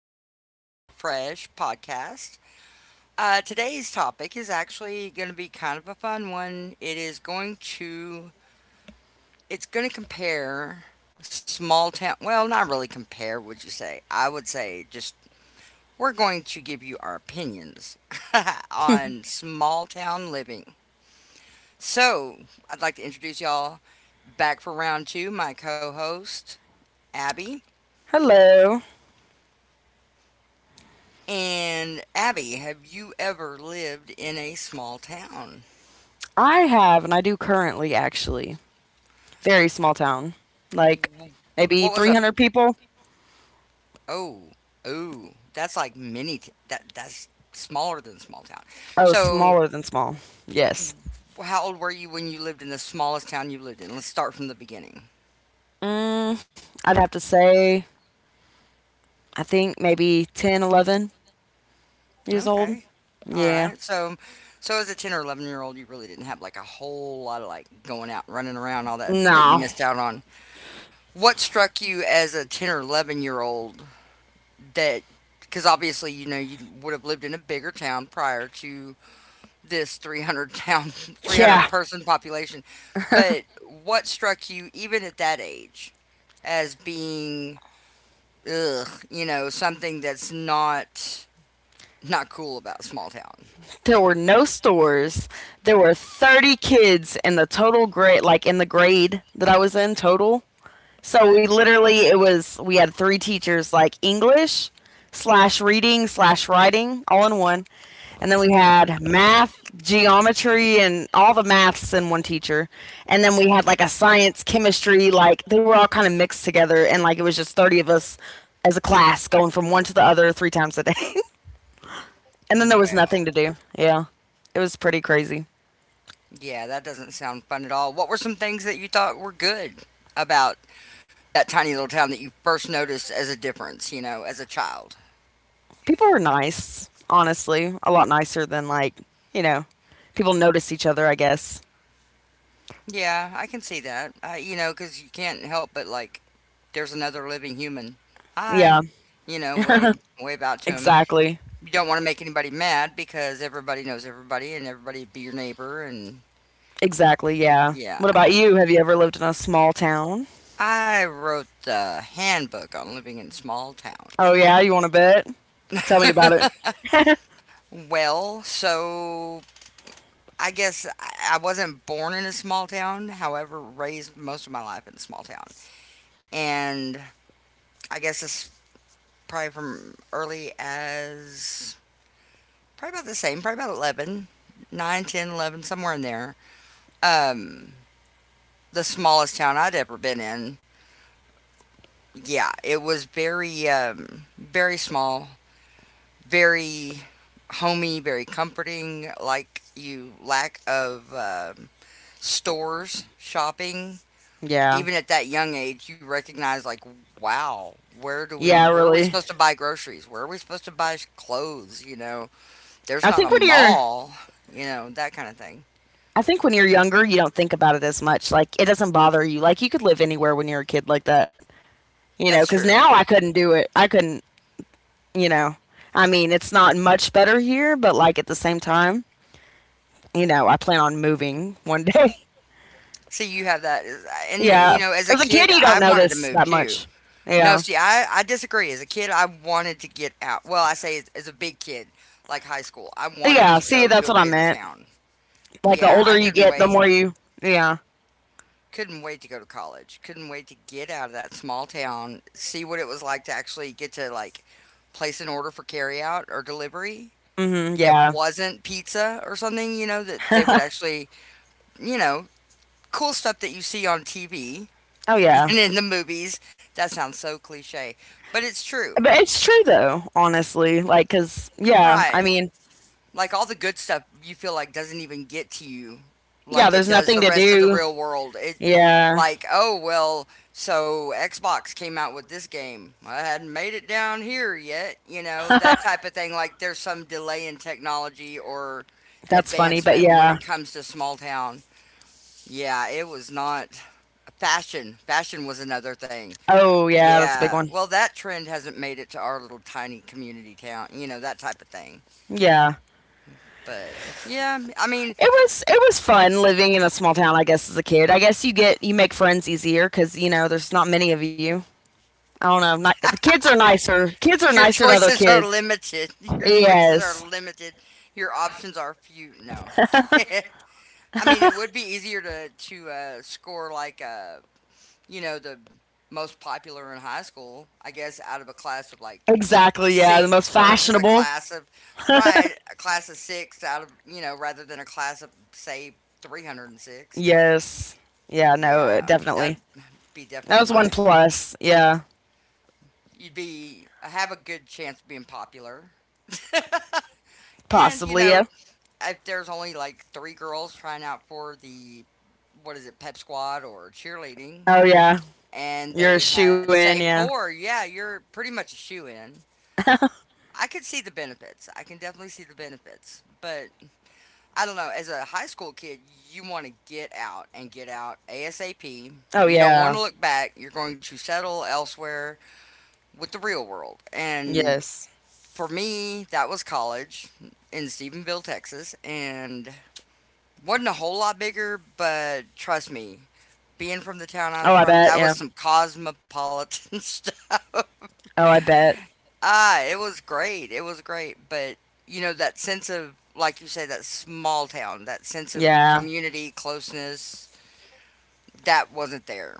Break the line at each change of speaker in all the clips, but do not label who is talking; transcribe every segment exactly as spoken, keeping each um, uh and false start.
Rewind and Refresh podcast. Uh, today's topic is actually going to be kind of a fun one. It is going to, it's going to compare small town, well, not really compare, would you say? I would say just we're going to give you our opinions on small town living. So, I'd like to introduce y'all back for round two, my co host, Abby.
Hello.
And Abby, have you ever lived in a small town?
I have, and I do currently actually, very small town. Like
What
maybe
was a
three hundred people.
oh oh that's like mini t- that that's smaller than small town.
Oh,
So
smaller than small. Yes.
how old were you when you lived in the smallest town you lived in? Let's start from the beginning.
Mm, I'd have to say, I think maybe ten, eleven years old.
Okay. All
Yeah.
right. So so as a ten or eleven year old, you really didn't have like a whole lot of like going out running around, all that that you
No.
missed out on. What struck you as a ten or eleven year old that, because obviously you know you would have lived in a bigger town prior to this three hundred town 300
Yeah.
person population, but what struck you even at that age as being ugh, you know, something that's not not cool about small town?
There were no stores. There were thirty kids in the total grade, like in the grade that I was in total. So we literally it was we had three teachers like English slash reading slash writing all in one, and then we had math, geometry, and all the maths in one teacher, and then we had like a science, chemistry, like they were all kind of mixed together, and like it was just thirty of us as a class going from one to the other three times a day, and then there was
Well,
nothing to do. Yeah, it was pretty crazy.
yeah, that doesn't sound fun at all. What were some things that you thought were good about that tiny little town that you first noticed as a difference, you know, as a child?
People were nice, honestly, a lot nicer than like you know people notice each other, I guess.
Yeah, I can see that. Uh, you know, because you can't help but like there's another living human. Hi.
Yeah.
You know, wave wave out to him.
Exactly.
You don't want to make anybody mad because everybody knows everybody and everybody be your neighbor, and
Exactly, yeah.
yeah.
What about you? Have you ever lived in a small town?
I wrote the handbook on living in small town.
Oh, yeah, you want to bet? Tell me about it.
Well, so I guess I I wasn't born in a small town, however, raised most of my life in a small town. And I guess it's probably from early as probably about the same, probably about eleven, nine, ten, eleven, somewhere in there. um, the smallest town I'd ever been in. Yeah, it was very, um, very small, very homey, very comforting. Like you lack of um stores, shopping.
Yeah.
Even at that young age, you recognize like, wow, where do we,
Yeah,
where are we
really.
supposed to buy groceries? Where are we supposed to buy sh- clothes? You know, there's
I
not
think
a
when you're
mall. You know that kind of thing.
I think when you're younger, you don't think about it as much. Like it doesn't bother you. Like you could live anywhere when you're a kid like that. You
That's
know,
true.
cuz now I couldn't do it. I couldn't, you know. I mean, it's not much better here, but like at the same time, you know, I plan on moving one day.
See, you have that, and you
Yeah.
know, as a
As a kid,
kid,
you don't
I wanted to
notice
move
that
too.
much.
No,
Yeah.
see, I I disagree. As a kid, I wanted to get out. Well, I say as, as a big kid, like high school, I wanted
Yeah,
to
see,
go
that's
to a
what I
bigger
meant.
town.
Like, the
Yeah, I
older you
couldn't
get, the
wait.
more you. Yeah.
Couldn't wait to go to college. Couldn't wait to get out of that small town, see what it was like to actually get to like place an order for carry out or delivery
Hmm.
that
Yeah.
wasn't pizza or something, you know, that they would actually, you know, cool stuff that you see on T V
Oh, yeah.
and in the movies. That sounds so cliche, but it's true.
But it's true, though, honestly. Like, because, yeah, I
Right.
mean,
Like all the good stuff you feel like doesn't even get to you
yeah,
like it
there's
does
nothing
the
to
rest of the
do.
real world. It
Yeah.
like, oh well, so Xbox came out with this game. I hadn't made it down here yet, you know, that type of thing, like there's some delay in technology or
That's funny, but
advancement when
yeah.
it comes to small town. Yeah, it was not fashion. Fashion was another thing.
Oh yeah, that's a big
Yeah.
one.
Well, that trend hasn't made it to our little tiny community town, you know, that type of thing.
Yeah.
But yeah, I mean,
It was it was fun living in a small town, I guess as a kid. I guess you get you make friends easier cuz you know, there's not many of you. I don't know. Not, the kids are nicer. Kids are
your
nicer to other
choices are
kids.
limited. Your choices are
Yes.
limited. Your options are few. No. I mean, it would be easier to to uh, score like uh, you know, the most popular in high school, I guess, out of a class of like
Exactly. Yeah, the
six
most
versus a
fashionable.
class of right, a class of six out of, you know, rather than a class of say three hundred and six.
Yes. Yeah, no,
Yeah, that'd
definitely.
be definitely
That was one
my.
plus. Yeah.
You'd be have a good chance of being popular. And you
Possibly,
know,
yeah.
if there's only like three girls trying out for the what is it, pep squad or cheerleading,
Oh yeah.
and
You're a
they
shoe
had
in,
say
yeah.
four, yeah, you're pretty much a shoe in. I could see the benefits. I can definitely see the benefits. But I don't know, as a high school kid, you want to get out and get out ASAP.
Oh
You don't want
yeah.
to look back. You're going to settle elsewhere with the real world. And
Yes.
for me, that was college in Stephenville, Texas, and wasn't a whole lot bigger, but trust me, being from the town I was
Oh, I
from,
bet.
that
Yeah.
was some cosmopolitan stuff.
Oh, I bet.
Ah, it was great. It was great. But, you know, that sense of, like you say, that small town, that sense of
Yeah.
community, closeness, that wasn't there.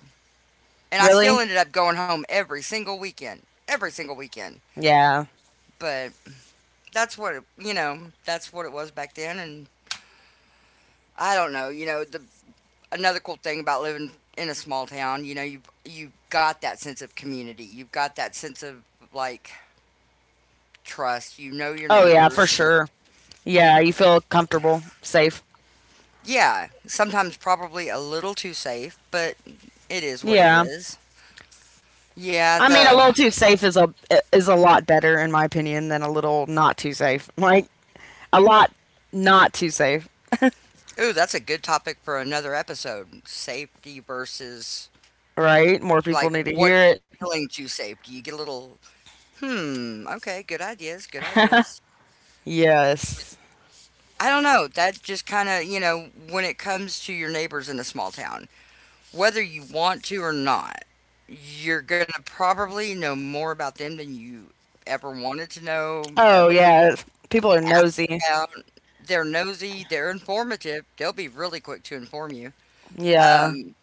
And I still
Really?
ended up going home every single weekend, every single weekend.
Yeah.
But that's what you know, that's what it was back then. And I don't know, you know, the another cool thing about living in a small town, you know, you you got that sense of community, you've got that sense of like trust, you know, your
Oh yeah, for
neighbors
sure.
you
Yeah, you feel comfortable, safe.
yeah, sometimes probably a little too safe, but it is what it
Yeah.
is. Yeah,
I mean, a
the
little too safe is a is a lot better in my opinion than a little not too safe. Like a lot not too safe,
ooh, that's a good topic for another episode, safety versus
right? More people
like
need to hear
what
it.
feelings you safety you get a little hmm, okay, good ideas, good ideas.
Yes.
I don't know. That's just kind of, you know, when it comes to your neighbors in a small town, whether you want to or not, you're going to probably know more about them than you ever wanted to know,
Oh,
ever
yeah. People are nosy.
about. They're nosy, they're informative, they'll be really quick to inform you.
Yeah.
Um,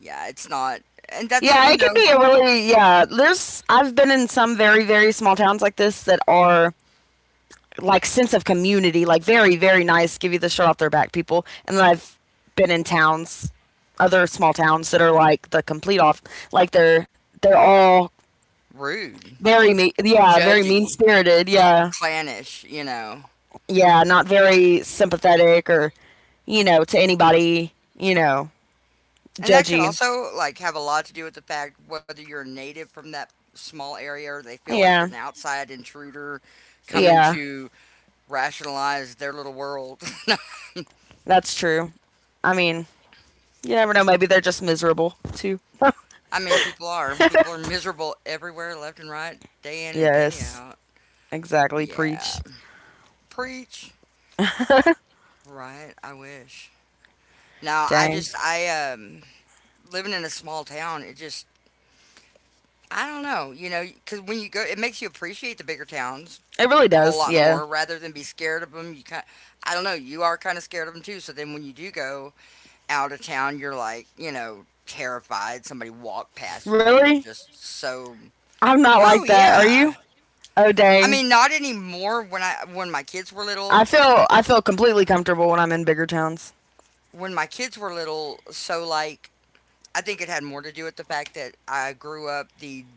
yeah, it's not, and that's,
Yeah,
you
it can
know,
be a really, yeah. There's, I've been in some very, very small towns like this that are like sense of community, like very, very nice, give you the shirt off their back people. And then I've been in towns, other small towns that are like the complete off, like they're, they're all
rude,
very, me- yeah, very mean
judgy,
spirited. Yeah.
clannish, you know.
Yeah, not very sympathetic or, you know, to anybody, you know,
And that could
judgy.
also like have a lot to do with the fact whether you're native from that small area or they feel like you're
Yeah.
an outside intruder coming
Yeah,
to rationalize their little world.
that's true. I mean, you never know, maybe they're just miserable too.
I mean, people are. People are miserable everywhere, left and right, day in and day
Yes,
out.
exactly.
Yeah.
Preach.
Preach. Right. I wish. Now, I
Dang.
just, I, um, living in a small town, it just, I don't know, you know, because when you go, it makes you appreciate the bigger towns
It really
a whole
does,
lot
yeah.
more rather than be scared of them. You kind, I don't know, you are kind of scared of them too. So then when you do go out of town, you're like, you know, terrified. Somebody walked past you, and you're
Really?
just so.
I'm not
Oh
like that. Are
yeah,
you? Oh
I
dang.
mean, not anymore. When I when my kids were little,
I feel I feel completely comfortable when I'm in bigger towns.
when my kids were little, so like I think it had more to do with the fact that I grew up the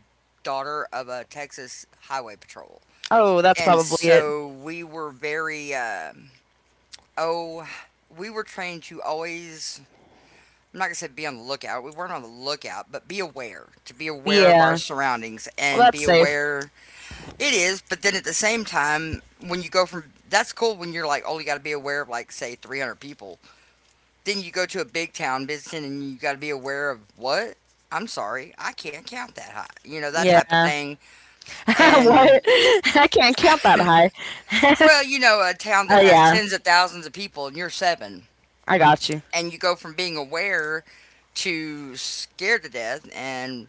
daughter of a Texas highway patrol,
Oh, that's
and
probably it.
so we were very. um oh, we were trained to always I'm not gonna say be on the lookout. We weren't on the lookout, but be aware, to be aware of our
Yeah.
surroundings
Well,
and
that's
be
safe.
aware it is. But then at the same time, when you go from that's cool when you're like oh, you got to be aware of like say three hundred people. Then you go to a big town visiting and you got to be aware of what? I'm sorry, I can't count that high. You know that type of
Yeah.
thing. And
What? I can't count that high.
well, you know a town that
Oh
has
yeah.
tens of thousands of people and you're seven.
I got you.
And you go from being aware to scared to death and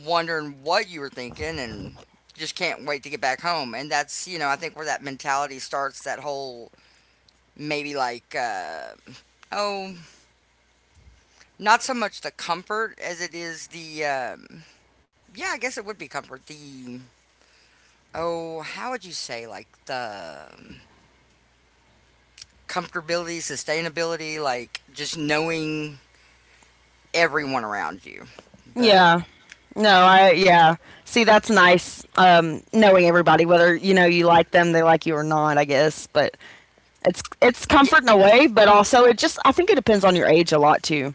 wondering what you were thinking and just can't wait to get back home. And that's, you know, I think where that mentality starts, that whole maybe like, uh, oh, not so much the comfort as it is the, um, yeah, I guess it would be comfort. The, oh, how would you say, like the comfortability, sustainability, like just knowing everyone around you. But
Yeah. No, I yeah. See, that's nice um knowing everybody whether you know you like them, they like you or not, I guess. But It's it's
y-
comfort in a way, but also it just I think it depends on your age a lot too.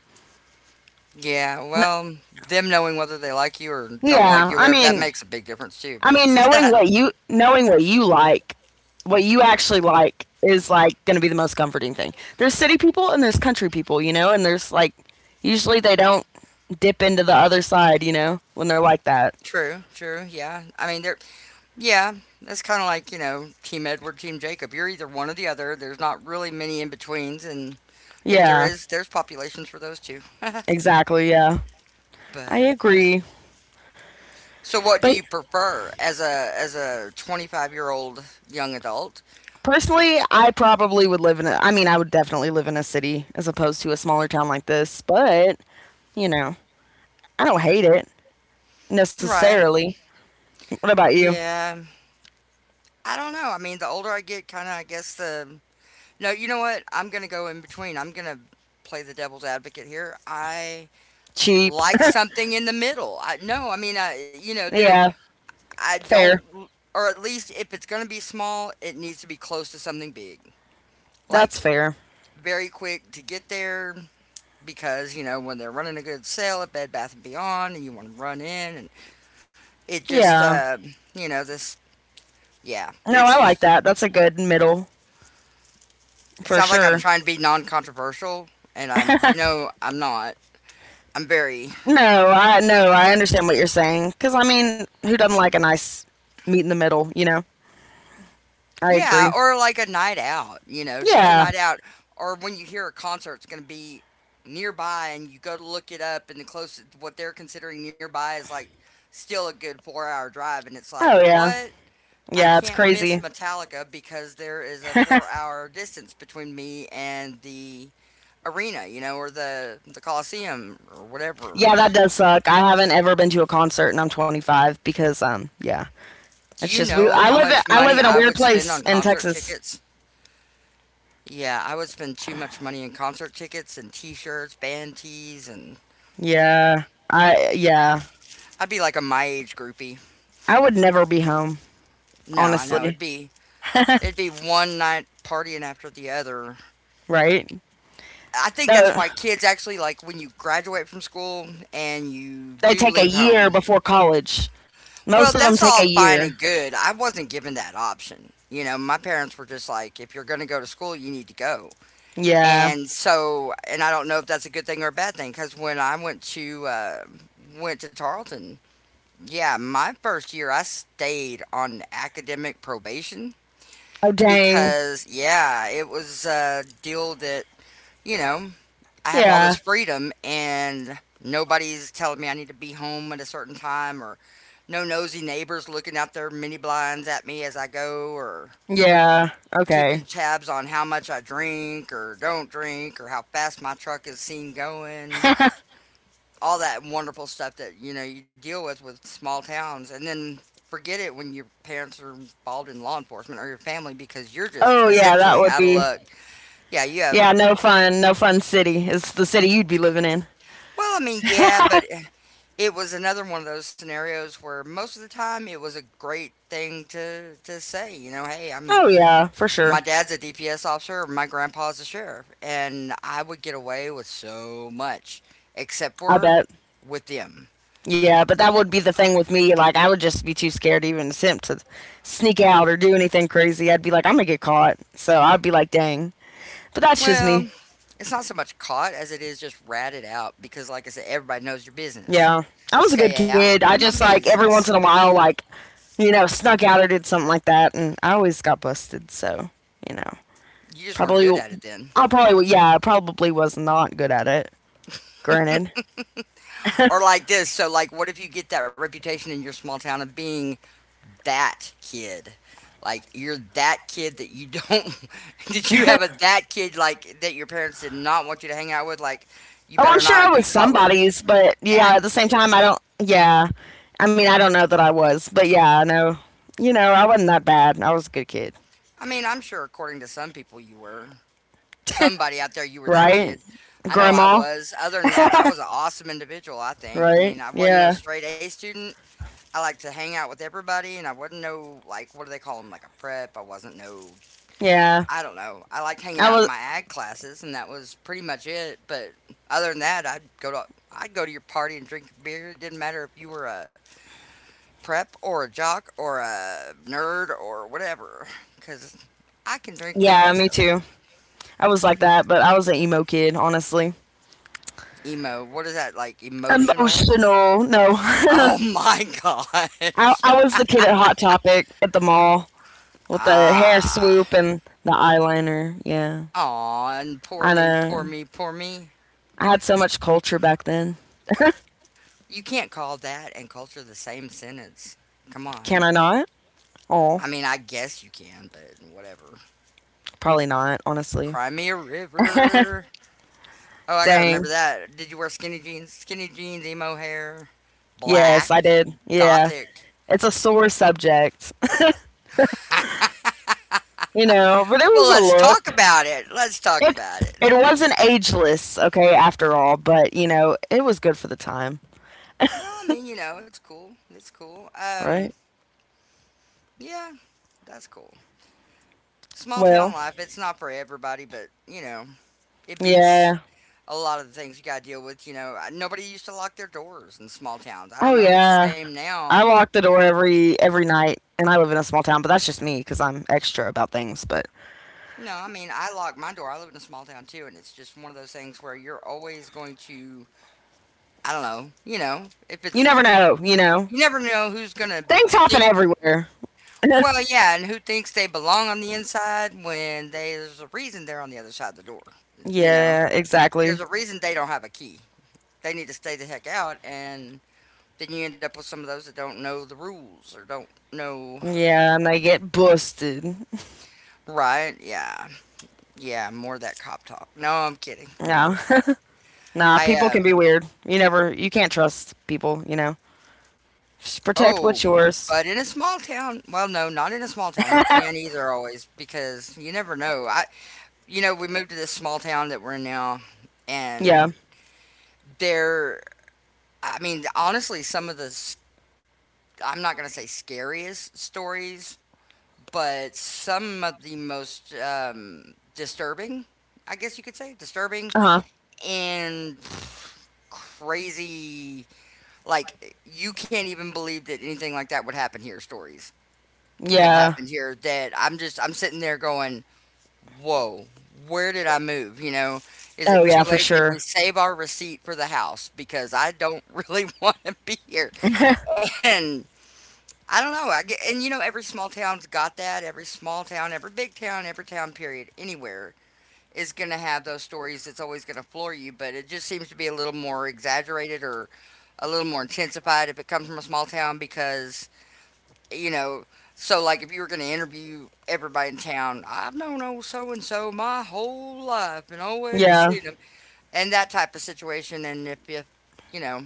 yeah,
N-
well, them knowing whether they like you or don't like
Yeah,
you,
I
whatever, that
mean,
makes a big difference too.
I
But
mean knowing what you knowing what you like, what you actually like is like going to be the most comforting thing. There's city people and there's country people, you know, and there's like usually they don't dip into the other side, you know, when they're like that.
true, true. Yeah. I mean, they're, yeah, that's kind of like, you know, Team Edward, Team Jacob. You're either one or the other. There's not really many in betweens. And if there
Yeah,
is, there's populations for those two.
exactly, yeah. I
But
agree.
so what do
But
you prefer as a as a twenty-five year old young adult?
personally, I probably would live in a, I mean, I would definitely live in a city as opposed to a smaller town like this, but, you know, I don't hate it
Right.
necessarily. What about you?
Yeah. I don't know. I mean, the older I get, kind of, I guess the No, you know what? I'm going to go in between. I'm going to play the devil's advocate here. I
Cheap.
like something in the middle. I no, I mean, I you know, there
Yeah.
I
Fair.
don't, or at least if it's going to be small, it needs to be close to something big. Like
That's fair.
very quick to get there because, you know, when they're running a good sale at Bed Bath and Beyond and you want to run in and it just,
Yeah.
uh, you know, this, yeah,
No,
it's
I like
just,
that. That's a good middle
it
for
sounds like I'm
sure.
trying to be non controversial and I'm, you know, I'm not. I'm very.
No, I no, I understand what you're saying. Cause I mean, who doesn't like a nice meet in the middle, you know? I
Yeah,
agree.
or like a night out, you know, just a
Yeah.
night out. Or when you hear a concert's going to be nearby and you go to look it up, and the closest, what they're considering nearby is like still a good four hour drive. And it's like,
Oh yeah.
what? I
Yeah, it's
can't miss
crazy.
Metallica because there is a four hour distance between me and the arena, you know, or the, the Coliseum or whatever.
Yeah, that does suck. I haven't ever been to a concert and I'm twenty-five because um yeah. It's
Do you
just we
know
I
how
live in,
much
I live in
money
a
I
weird
would spend
place
on
in
concert
Texas.
tickets? Yeah, I would spend too much money in concert tickets and T-shirts, band tees, and
Yeah. I yeah.
I'd be like a my age groupie.
I would never be home,
No, I know
honestly.
it'd be it'd be one night partying after the other.
Right?
I think
No,
that's why kids actually like when you graduate from school and you
they
do
take a
leave
year
home.
before college. Most
Well,
of them
that's
take a
all fine
year.
and good. I wasn't given that option. You know, my parents were just like, if you're going to go to school, you need to go.
Yeah.
And so, and I don't know if that's a good thing or a bad thing because when I went to uh, went to Tarleton. Yeah, my first year I stayed on academic probation
Oh, dang.
because yeah, it was a deal that, you know, I have all this
Yeah.
freedom and nobody's telling me I need to be home at a certain time or no nosy neighbors looking out their mini blinds at me as I go or
Yeah.
keeping
Okay.
tabs on how much I drink or don't drink or how fast my truck is seen going, all that wonderful stuff that you know you deal with with small towns, and then forget it when your parents are involved in law enforcement or your family because you're just
Oh, yeah, that
essentially
would
out of
be.
luck. Yeah, you have.
Yeah, no fun. No fun city. It's the city you'd be living in.
Well, I mean, yeah, but it was another one of those scenarios where most of the time it was a great thing to to say. You know, hey, I'm
Oh, yeah, for
my
sure.
dad's a D P S officer, or my grandpa's a sheriff, and I would get away with so much, except
I
for
bet.
with them.
Yeah, but that would be the thing with me. Like, I would just be too scared to even attempt to sneak out or do anything crazy. I'd be like, I'm gonna get caught. So I'd be like, dang. But that's just
Well,
me.
it's not so much caught as it is just ratted out because, like I said, everybody knows your business.
Yeah. I was a good
Stay out,
kid. I
my
just like every
business.
once in a while like, you know, snuck out or did something like that and I always got busted, so, you know.
You just weren't good
Probably
at it then.
I probably Yeah, I probably was not good at it. Granted.
Or like this. So, like, what if you get that reputation in your small town of being that kid? Like, you're that kid that you don't. Did you have a that kid, like, that your parents did not want you to hang out with? Like, you
Oh, I'm
better
sure I
not be
was
caught with
somebody's, but yeah,
that
at the same
kid.
time I don't yeah. I mean, I don't know that I was, but yeah, I know. You know, I wasn't that bad. I was a good kid.
I mean, I'm sure according to some people you were. Somebody out there, you were that
Right?
kid. I know I
Grandma,
was. Other than that, I was an awesome individual, I think. I
right?
mean, I wasn't no
Yeah.
straight A student. I like to hang out with everybody, and I wasn't no, like, what do they call them? Like a prep. I wasn't no,
Yeah.
I don't know. I liked hanging
I
out in
was
my ag classes, and that was pretty much it. But other than that, I'd go to. I'd go to your party and drink beer. It didn't matter if you were a prep or a jock or a nerd or whatever, because I can drink with the
yeah,
best
me
of them.
too. I was like that, but I was an emo kid, honestly.
Emo, what is that like? Emotional?
Emotional. No.
Oh my god.
I I was the kid at Hot Topic at the mall with the hair
Ah.
swoop and the eyeliner. Yeah.
Aw, and poor
I
me, poor
know.
me, poor me.
I had so much culture back then.
You can't call that and culture the same sentence. Come on.
Can I not? Oh,
I mean, I guess you can, but whatever.
probably not, honestly.
Cry me a river. Oh, I gotta
Dang.
remember that. Did you wear skinny jeans? Skinny jeans, emo hair,
Yes,
black,
I did. Yeah.
gothic.
It's a sore subject, you know. But it
Well,
was a
let's talk
look.
about it. Let's talk
It
about
it
it.
wasn't ageless, okay, after all. But you know, it was good for the time,
Well, I mean, you know, it's cool. It's cool.
right?
Um, yeah, that's cool. Small town
Well,
life, it's not for everybody, but you know, it beats
yeah.
a lot of the things you got to deal with. You know, nobody used to lock their doors in small towns. I don't
Oh
know if it's the
yeah.
same now.
I lock the door every every night, and I live in a small town. But that's just me because I'm extra about things. But
No, I mean, I lock my door. I live in a small town too, and it's just one of those things where you're always going to, I don't know, you know, if
you
it's,
never know, you know.
you never know who's going to
Things happen
think,
everywhere.
well, yeah, and who thinks they belong on the inside when they, there's a reason they're on the other side of the door. You know,
Yeah,
there's
exactly.
a reason they don't have a key. They need to stay the heck out and then you end up with some of those that don't know the rules or don't know
Yeah, and they get busted.
right. Yeah, yeah, more of that cop talk. No, I'm kidding. No,
Yeah.
I'm,
Nah,
I
people
uh
can be weird. You never, you can't trust people. You know, just protect
oh,
what's yours.
but in a small town, well, no, not in a small town. You can't either always because you never know. I, you know, we moved to this small town that we're in now,
Yeah.
and there, I mean, honestly, some of the s- I'm not gonna say scariest stories, but some of the most um, disturbing, I guess you could say disturbing
Uh huh.
and crazy, like you can't even believe that anything like that would happen here stories, have
Yeah.
happened here that I'm just i'm sitting there going whoa, where did I move, you know? Is it
Oh
too
yeah, for
late? Did we
sure.
save our receipt for the house because I don't really want to be here? And I don't know, I get, and you know every small town's got that, every small town, every big town, every town period anywhere is going to have those stories. It's always going to floor you, but it just seems to be a little more exaggerated or a little more intensified if it comes from a small town because, you know, so like if you were going to interview everybody in town, I've known old so and so my whole life and always
Yeah.
seen them, and that type of situation, and if if you know,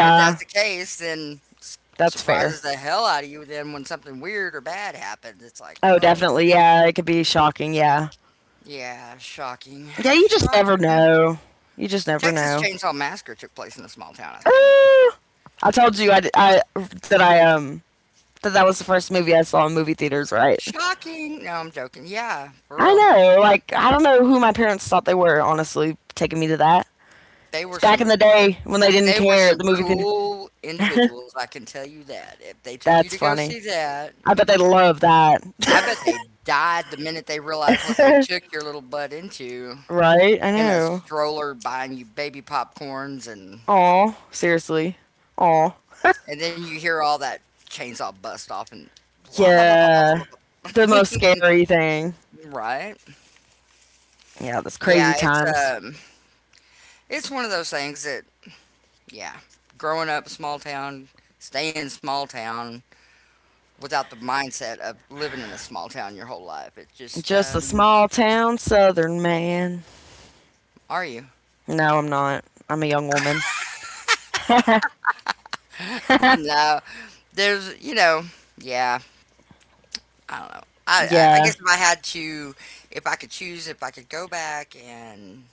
if that's the case then s-
that's fair.
surprises the hell out of you then when something weird or bad happens, it's like
Oh,
whoa.
definitely. Yeah, it could be shocking. Yeah.
Yeah, shocking.
Yeah, you just never
Shocking.
know. You just never
Texas
know.
Chainsaw Massacre took place in a small town, I think.
I told you I I that I um that that was the first movie I saw in movie theaters, right?
Shocking. No, I'm joking. Yeah, for
I
real.
know, like I don't know who my parents thought they were, honestly, taking me to that.
They
It's
were
back
some,
in the day when they didn't
they were
care at
some
the movie
cool
theater.
individuals, I can tell you that. If they took you to
That's
go see
funny.
that,
I bet they love that.
I bet they died the minute they realized what they took your little butt into,
Right? I
in a
know.
stroller buying you baby popcorns, and
Aw, seriously. Aw.
and then you hear all that chainsaw bust off and wah, bah, bah, bah, bah, bah,
Yeah.
bah,
The most scary thing.
bah. Right?
Yeah, those crazy
Yeah, it's
times.
um it's one of those things that, yeah, growing up small town, staying small town without the mindset of living in a small town your whole life. It's just
Just a
um
small town southern man.
are you?
No, I'm not. I'm a young woman.
No, there's, you know, yeah, I don't know. I, I I
Yeah.
guess if I had to, if I could choose, if I could go back and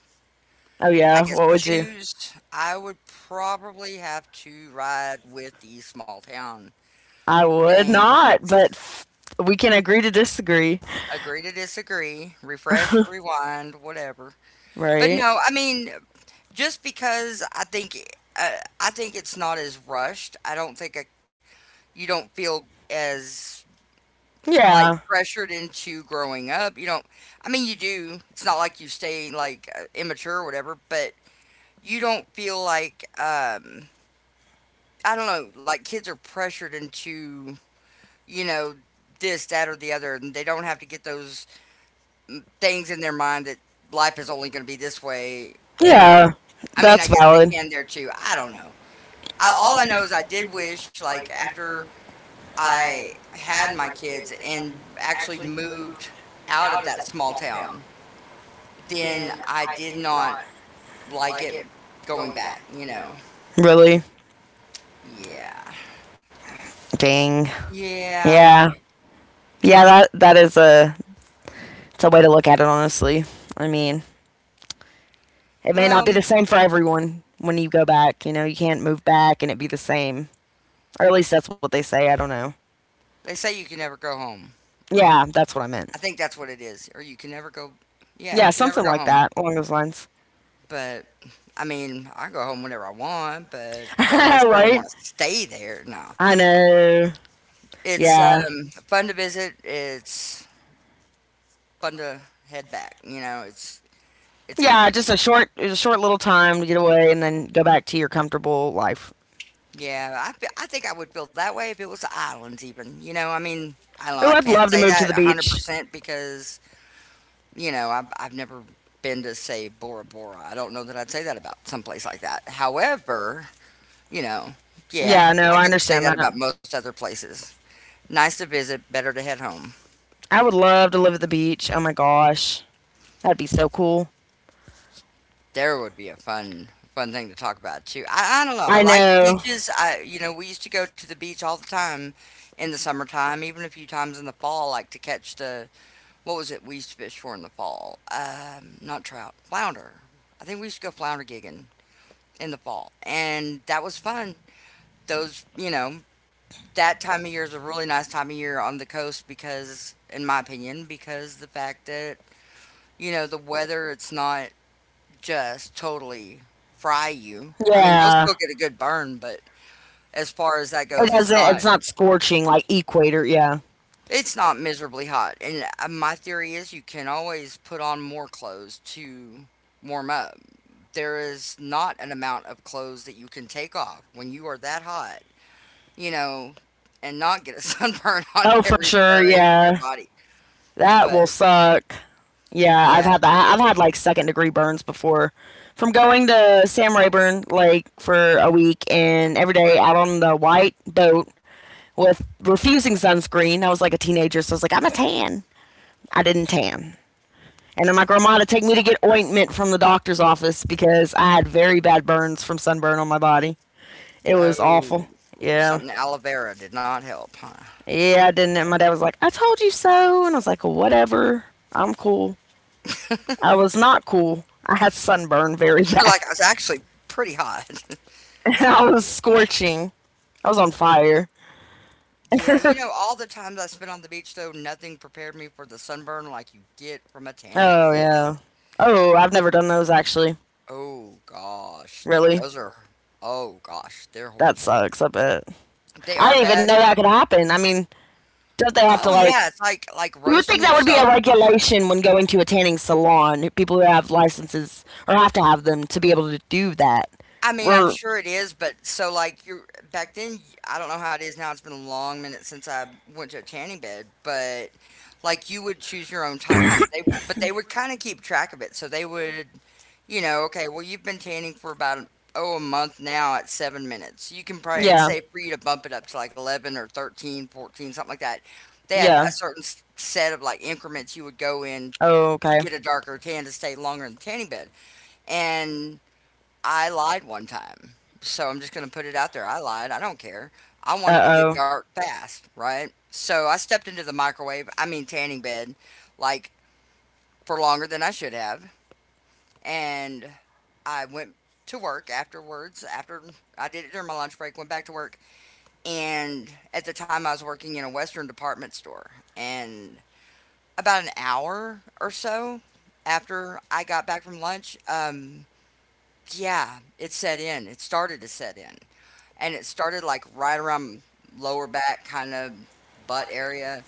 Oh,
I
yeah.
guess
What would you?
choose, I would probably have to ride with the small town
I would
thing.
not, but f- we can agree to disagree,
Agree to disagree, refresh, rewind, whatever. But
right?
no, I mean, just because I think, uh, I think it's not as rushed. I don't think I, you don't feel as like
Yeah.
pressured into growing up. You don't, I mean, you do. It's not like you stay like uh, immature or whatever, but you don't feel like, um, I don't know, like kids are pressured into, you know, this, that, or the other, and they don't have to get those things in their mind that life is only going to be this way, you know.
Yeah.
I mean,
That's
I guess they
valid.
can there too. I don't know. I, all I know is I did wish, like, after I had my kids and actually moved out of that small town, then I did not like it going back, you know.
Really?
Yeah.
Dang.
Yeah.
Yeah. Yeah, that that is a it's a way to look at it honestly. I mean, it may not be
Well,
the same for everyone when you go back, you know, you can't move back and it be the same. Or at least that's what they say, I don't know.
they say you can never go home.
Yeah, that's what I
I
meant.
think that's what it is. Or you can never go. Yeah,
Yeah,
you can never
something
go
like
home.
that, along those lines.
But I mean, I go home whenever I want, but don't necessarily want
Right?
to stay there. No.
I know.
It's
Yeah.
um fun to visit. It's fun to head back, you know. It's it's good.
Yeah, just a short, a short little time to get away and then go back to your comfortable life.
Yeah, I feel I think I would feel that way if it was the islands even, you know, I mean, I don't know,
Oh,
I
I'd
can't
love to
say
move to
that
the beach.
one hundred percent because, you know, I've, I've never been to, say, Bora Bora. I don't know that I'd say that about someplace like that. However, you know, yeah,
Yeah, no,
I
I
could say
understand
that about
that.
most other places. Nice to visit, better to head home.
I would love to live at the beach. Oh my gosh. That'd be so cool.
There would be a fun, fun thing to talk about too. I, I don't know, I
I
like
know.
beaches. I, you know, we used to go to the beach all the time in the summertime, even a few times in the fall, like to catch the what was it we used to fish for in the fall? Um, not trout, flounder. I think we used to go flounder gigging in the fall, and that was fun. Those, you know, that time of year is a really nice time of year on the coast because, in my opinion, because the fact that you know the weather, it's not just totally fry you. I mean, you'll
Yeah.
still get a good burn, but as far as that
It
goes, it's
doesn't,
not
it's not scorching like equator, yeah.
It's not miserably hot. And uh, my theory is you can always put on more clothes to warm up. There is not an amount of clothes that you can take off when you are that hot, you know, and not get a sunburn on
Oh, for
every
sure,
square inch of your
yeah.
body.
That will
But
suck. Yeah, I've
yeah,
had that. I've had like second degree burns before from going to Sam Rayburn Lake for a week and every day out on the white boat with refusing sunscreen. I was like a teenager, so I was like, I'm a tan. I didn't tan. And then my grandma to take me to get ointment from the doctor's office because I had very bad burns from sunburn on my body. It was
oh,
awful. Yeah.
something aloe vera did not help, huh?
Yeah, I didn't. And my dad was like, I told you so. And I was like, whatever. I'm cool. I was not cool. I had sunburn very
You're
bad.
like, I was actually pretty hot.
I was scorching. I was on fire.
Yeah, you know, all the times I spent on the beach, though, nothing prepared me for the sunburn like you get from a tanning
Oh
bed.
yeah. Oh, I've never done those actually.
Oh gosh,
Really?
those are oh gosh, they're
That
horrible.
sucks, I bet.
They are
I didn't
bad.
even know that could happen. I mean, don't they have to
Oh
like
yeah, it's like like
you would
roasting
think that would be a
yourself.
regulation when going to a tanning salon. People who have licenses or have to have them to be able to do that.
I
We
mean, I'm sure it is, but so like you're back then. I don't know how it is now. It's been a long minute since I went to a tanning bed, but like you would choose your own time. They But they would kind of keep track of it, so they would. You know, okay, well, you've been tanning for about, oh, a month now at seven minutes. You can probably, it's
Yeah.
safe for you to bump it up to like eleven or thirteen, fourteen, something like that. They had
Yeah.
a certain s- set of like increments you would go in
Oh
to
Okay.
get a darker tan to stay longer in the tanning bed. And I lied one time. So I'm just going to put it out there. I lied. I don't care. I wanted to
Uh
get
oh.
dark fast, right? So I stepped into the microwave, I mean, tanning bed, like for longer than I should have. And I went to work afterwards. After I did it during my lunch break, went back to work, and at the time I was working in a Western department store. And about an hour or so after I got back from lunch, um, yeah, it set in. It started to set in, and it started like right around lower back, kind of butt area,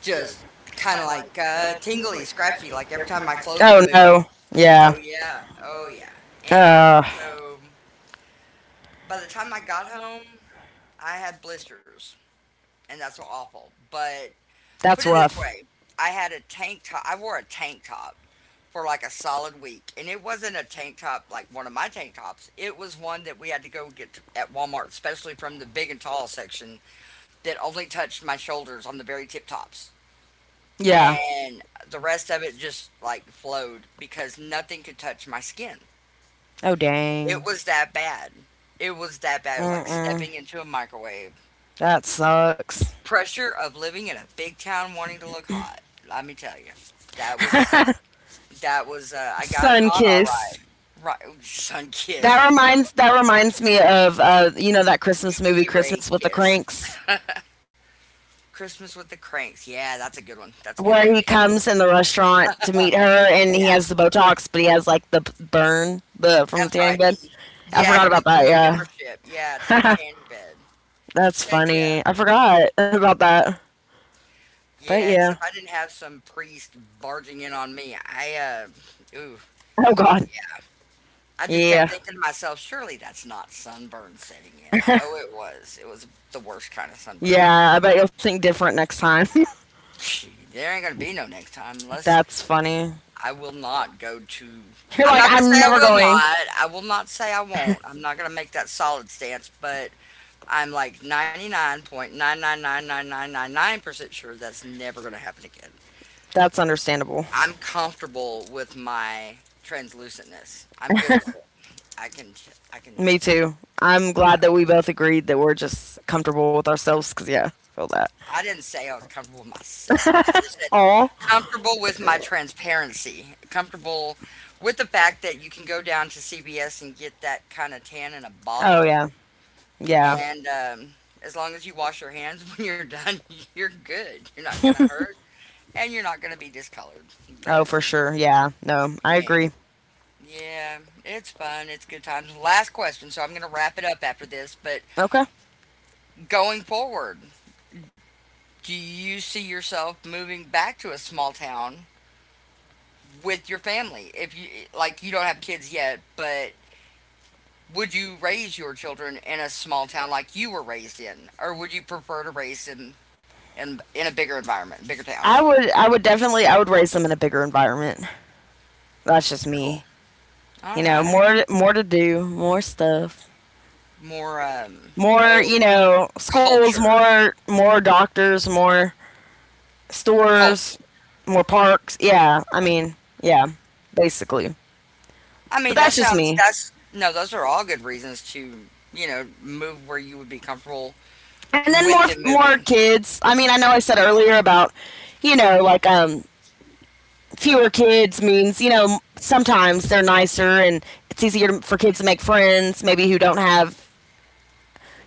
just kind of like uh, tingly, scratchy. Like every time my clothes would
Oh
move.
no. Yeah.
Oh yeah, oh yeah. And
Uh,
so by the time I got home, I had blisters, and that's awful. But put
that's
it this
rough.
way, I had a tank top, I wore a tank top for like a solid week, and it wasn't a tank top like one of my tank tops. It was one that we had to go get at Walmart, especially from the big and tall section, that only touched my shoulders on the very tip tops.
Yeah.
And the rest of it just like flowed because nothing could touch my skin.
Oh
It
dang.
was that bad. It was that bad. It was like
Mm-mm.
stepping into a microwave.
That sucks.
Pressure of living in a big town wanting to look hot. Let me tell you, that was that was uh, I got
Sun
hot all
kiss.
right. Right, sun kissed,
That reminds that reminds me of uh you know that Christmas movie
U V ray
Christmas with the
kissed.
Cranks.
Christmas with the Cranks. Yeah, that's a good one. That's a good
Where he
movie.
comes in the restaurant to meet her, and he
Yeah,
has the Botox, but he has like the p- burn the from the
that's
tanning
right. And
bed.
he,
I
yeah,
forgot
he
about
gets them a
that.
membership. Yeah, to the
Yeah,
tanning bed.
that's
Heck yeah.
funny. I forgot about that. But
Yeah,
yeah.
except I didn't have some priest barging in on me. I uh, ooh,
Oh God.
I just kept
Yeah.
thinking to myself, surely that's not sunburn setting in. Oh, it was. It was the worst kind of sunburn you could
Yeah. I
imagine.
bet you'll think different next time.
Gee, there ain't going to be no next time unless
That's funny.
I will not go to.
You're
I'm
like,
not going to
I'm
say I
never
will
going.
not. I will not say I won't. I'm not going to make that solid stance, but I'm like ninety-nine point nine nine nine nine nine nine nine percent sure that's never going to happen again.
That's understandable.
I'm comfortable with my translucentness. I'm good with it. I can, t- I can,
Me too. I'm glad that
yeah.
we both agreed that we're just comfortable with ourselves because, yeah, feel that.
I didn't say I was comfortable with myself. I just said
Oh.
comfortable with my transparency, comfortable with the fact that you can go down to C V S and get that kind of tan in a
Oh box
bottle.
yeah. Yeah. And,
And um, as long as you wash your hands when you're done, you're good. You're not going to hurt and you're not going to be discolored. But
oh for sure. Yeah. No, I
man,
agree.
yeah, it's fun. It's good times. Last question. So I'm going to wrap it up after this. But
Okay.
going forward, do you see yourself moving back to a small town with your family if you like you don't have kids yet but would you raise your children in a small town like you were raised in or would you prefer to raise them
And
in in a bigger environment, bigger town?
I would I would definitely I would raise them in a bigger environment. That's just
Cool,
me.
all
You know,
right.
more more to do, more stuff.
More, um
More,
oh,
you know, schools,
culture,
more more doctors, more
culture.
stores, more parks. Yeah. I mean, yeah, basically. I
I mean,
But
that
that's just
sounds,
me.
that's, no, those are all good reasons to, you know, move where you would be comfortable
And
with
then more
them moving,
more kids. I mean, I know I said earlier about you know like um fewer kids means you know sometimes they're nicer and it's easier to- for kids to make friends maybe who don't have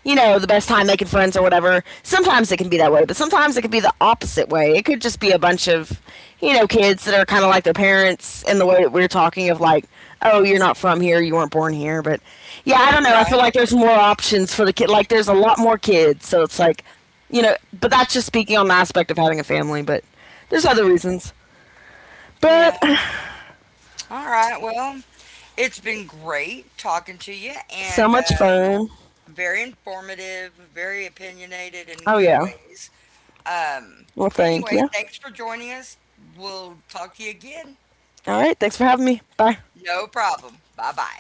you know, the best time making friends or whatever. Sometimes it can be that way, but sometimes it can be the opposite way. It could just be a bunch of, you know, kids that are kind of like their parents in the way that we're talking of like, oh, you're not from here, you weren't born here. But yeah, I don't know. I
right?
feel like there's more options for the kid. Like there's a lot more kids, so it's like, you know, but that's just speaking on the aspect of having a family. But there's other reasons.
Yeah,
But
all right, well, it's been great talking to you, and
so much
um,
fun.
very informative, very opinionated in
Oh
good
yeah.
ways. Um,
Well,
anyway,
thank you.
thanks for joining us. We'll talk to you again.
All right. Thanks for having me. Bye.
No problem. Bye bye.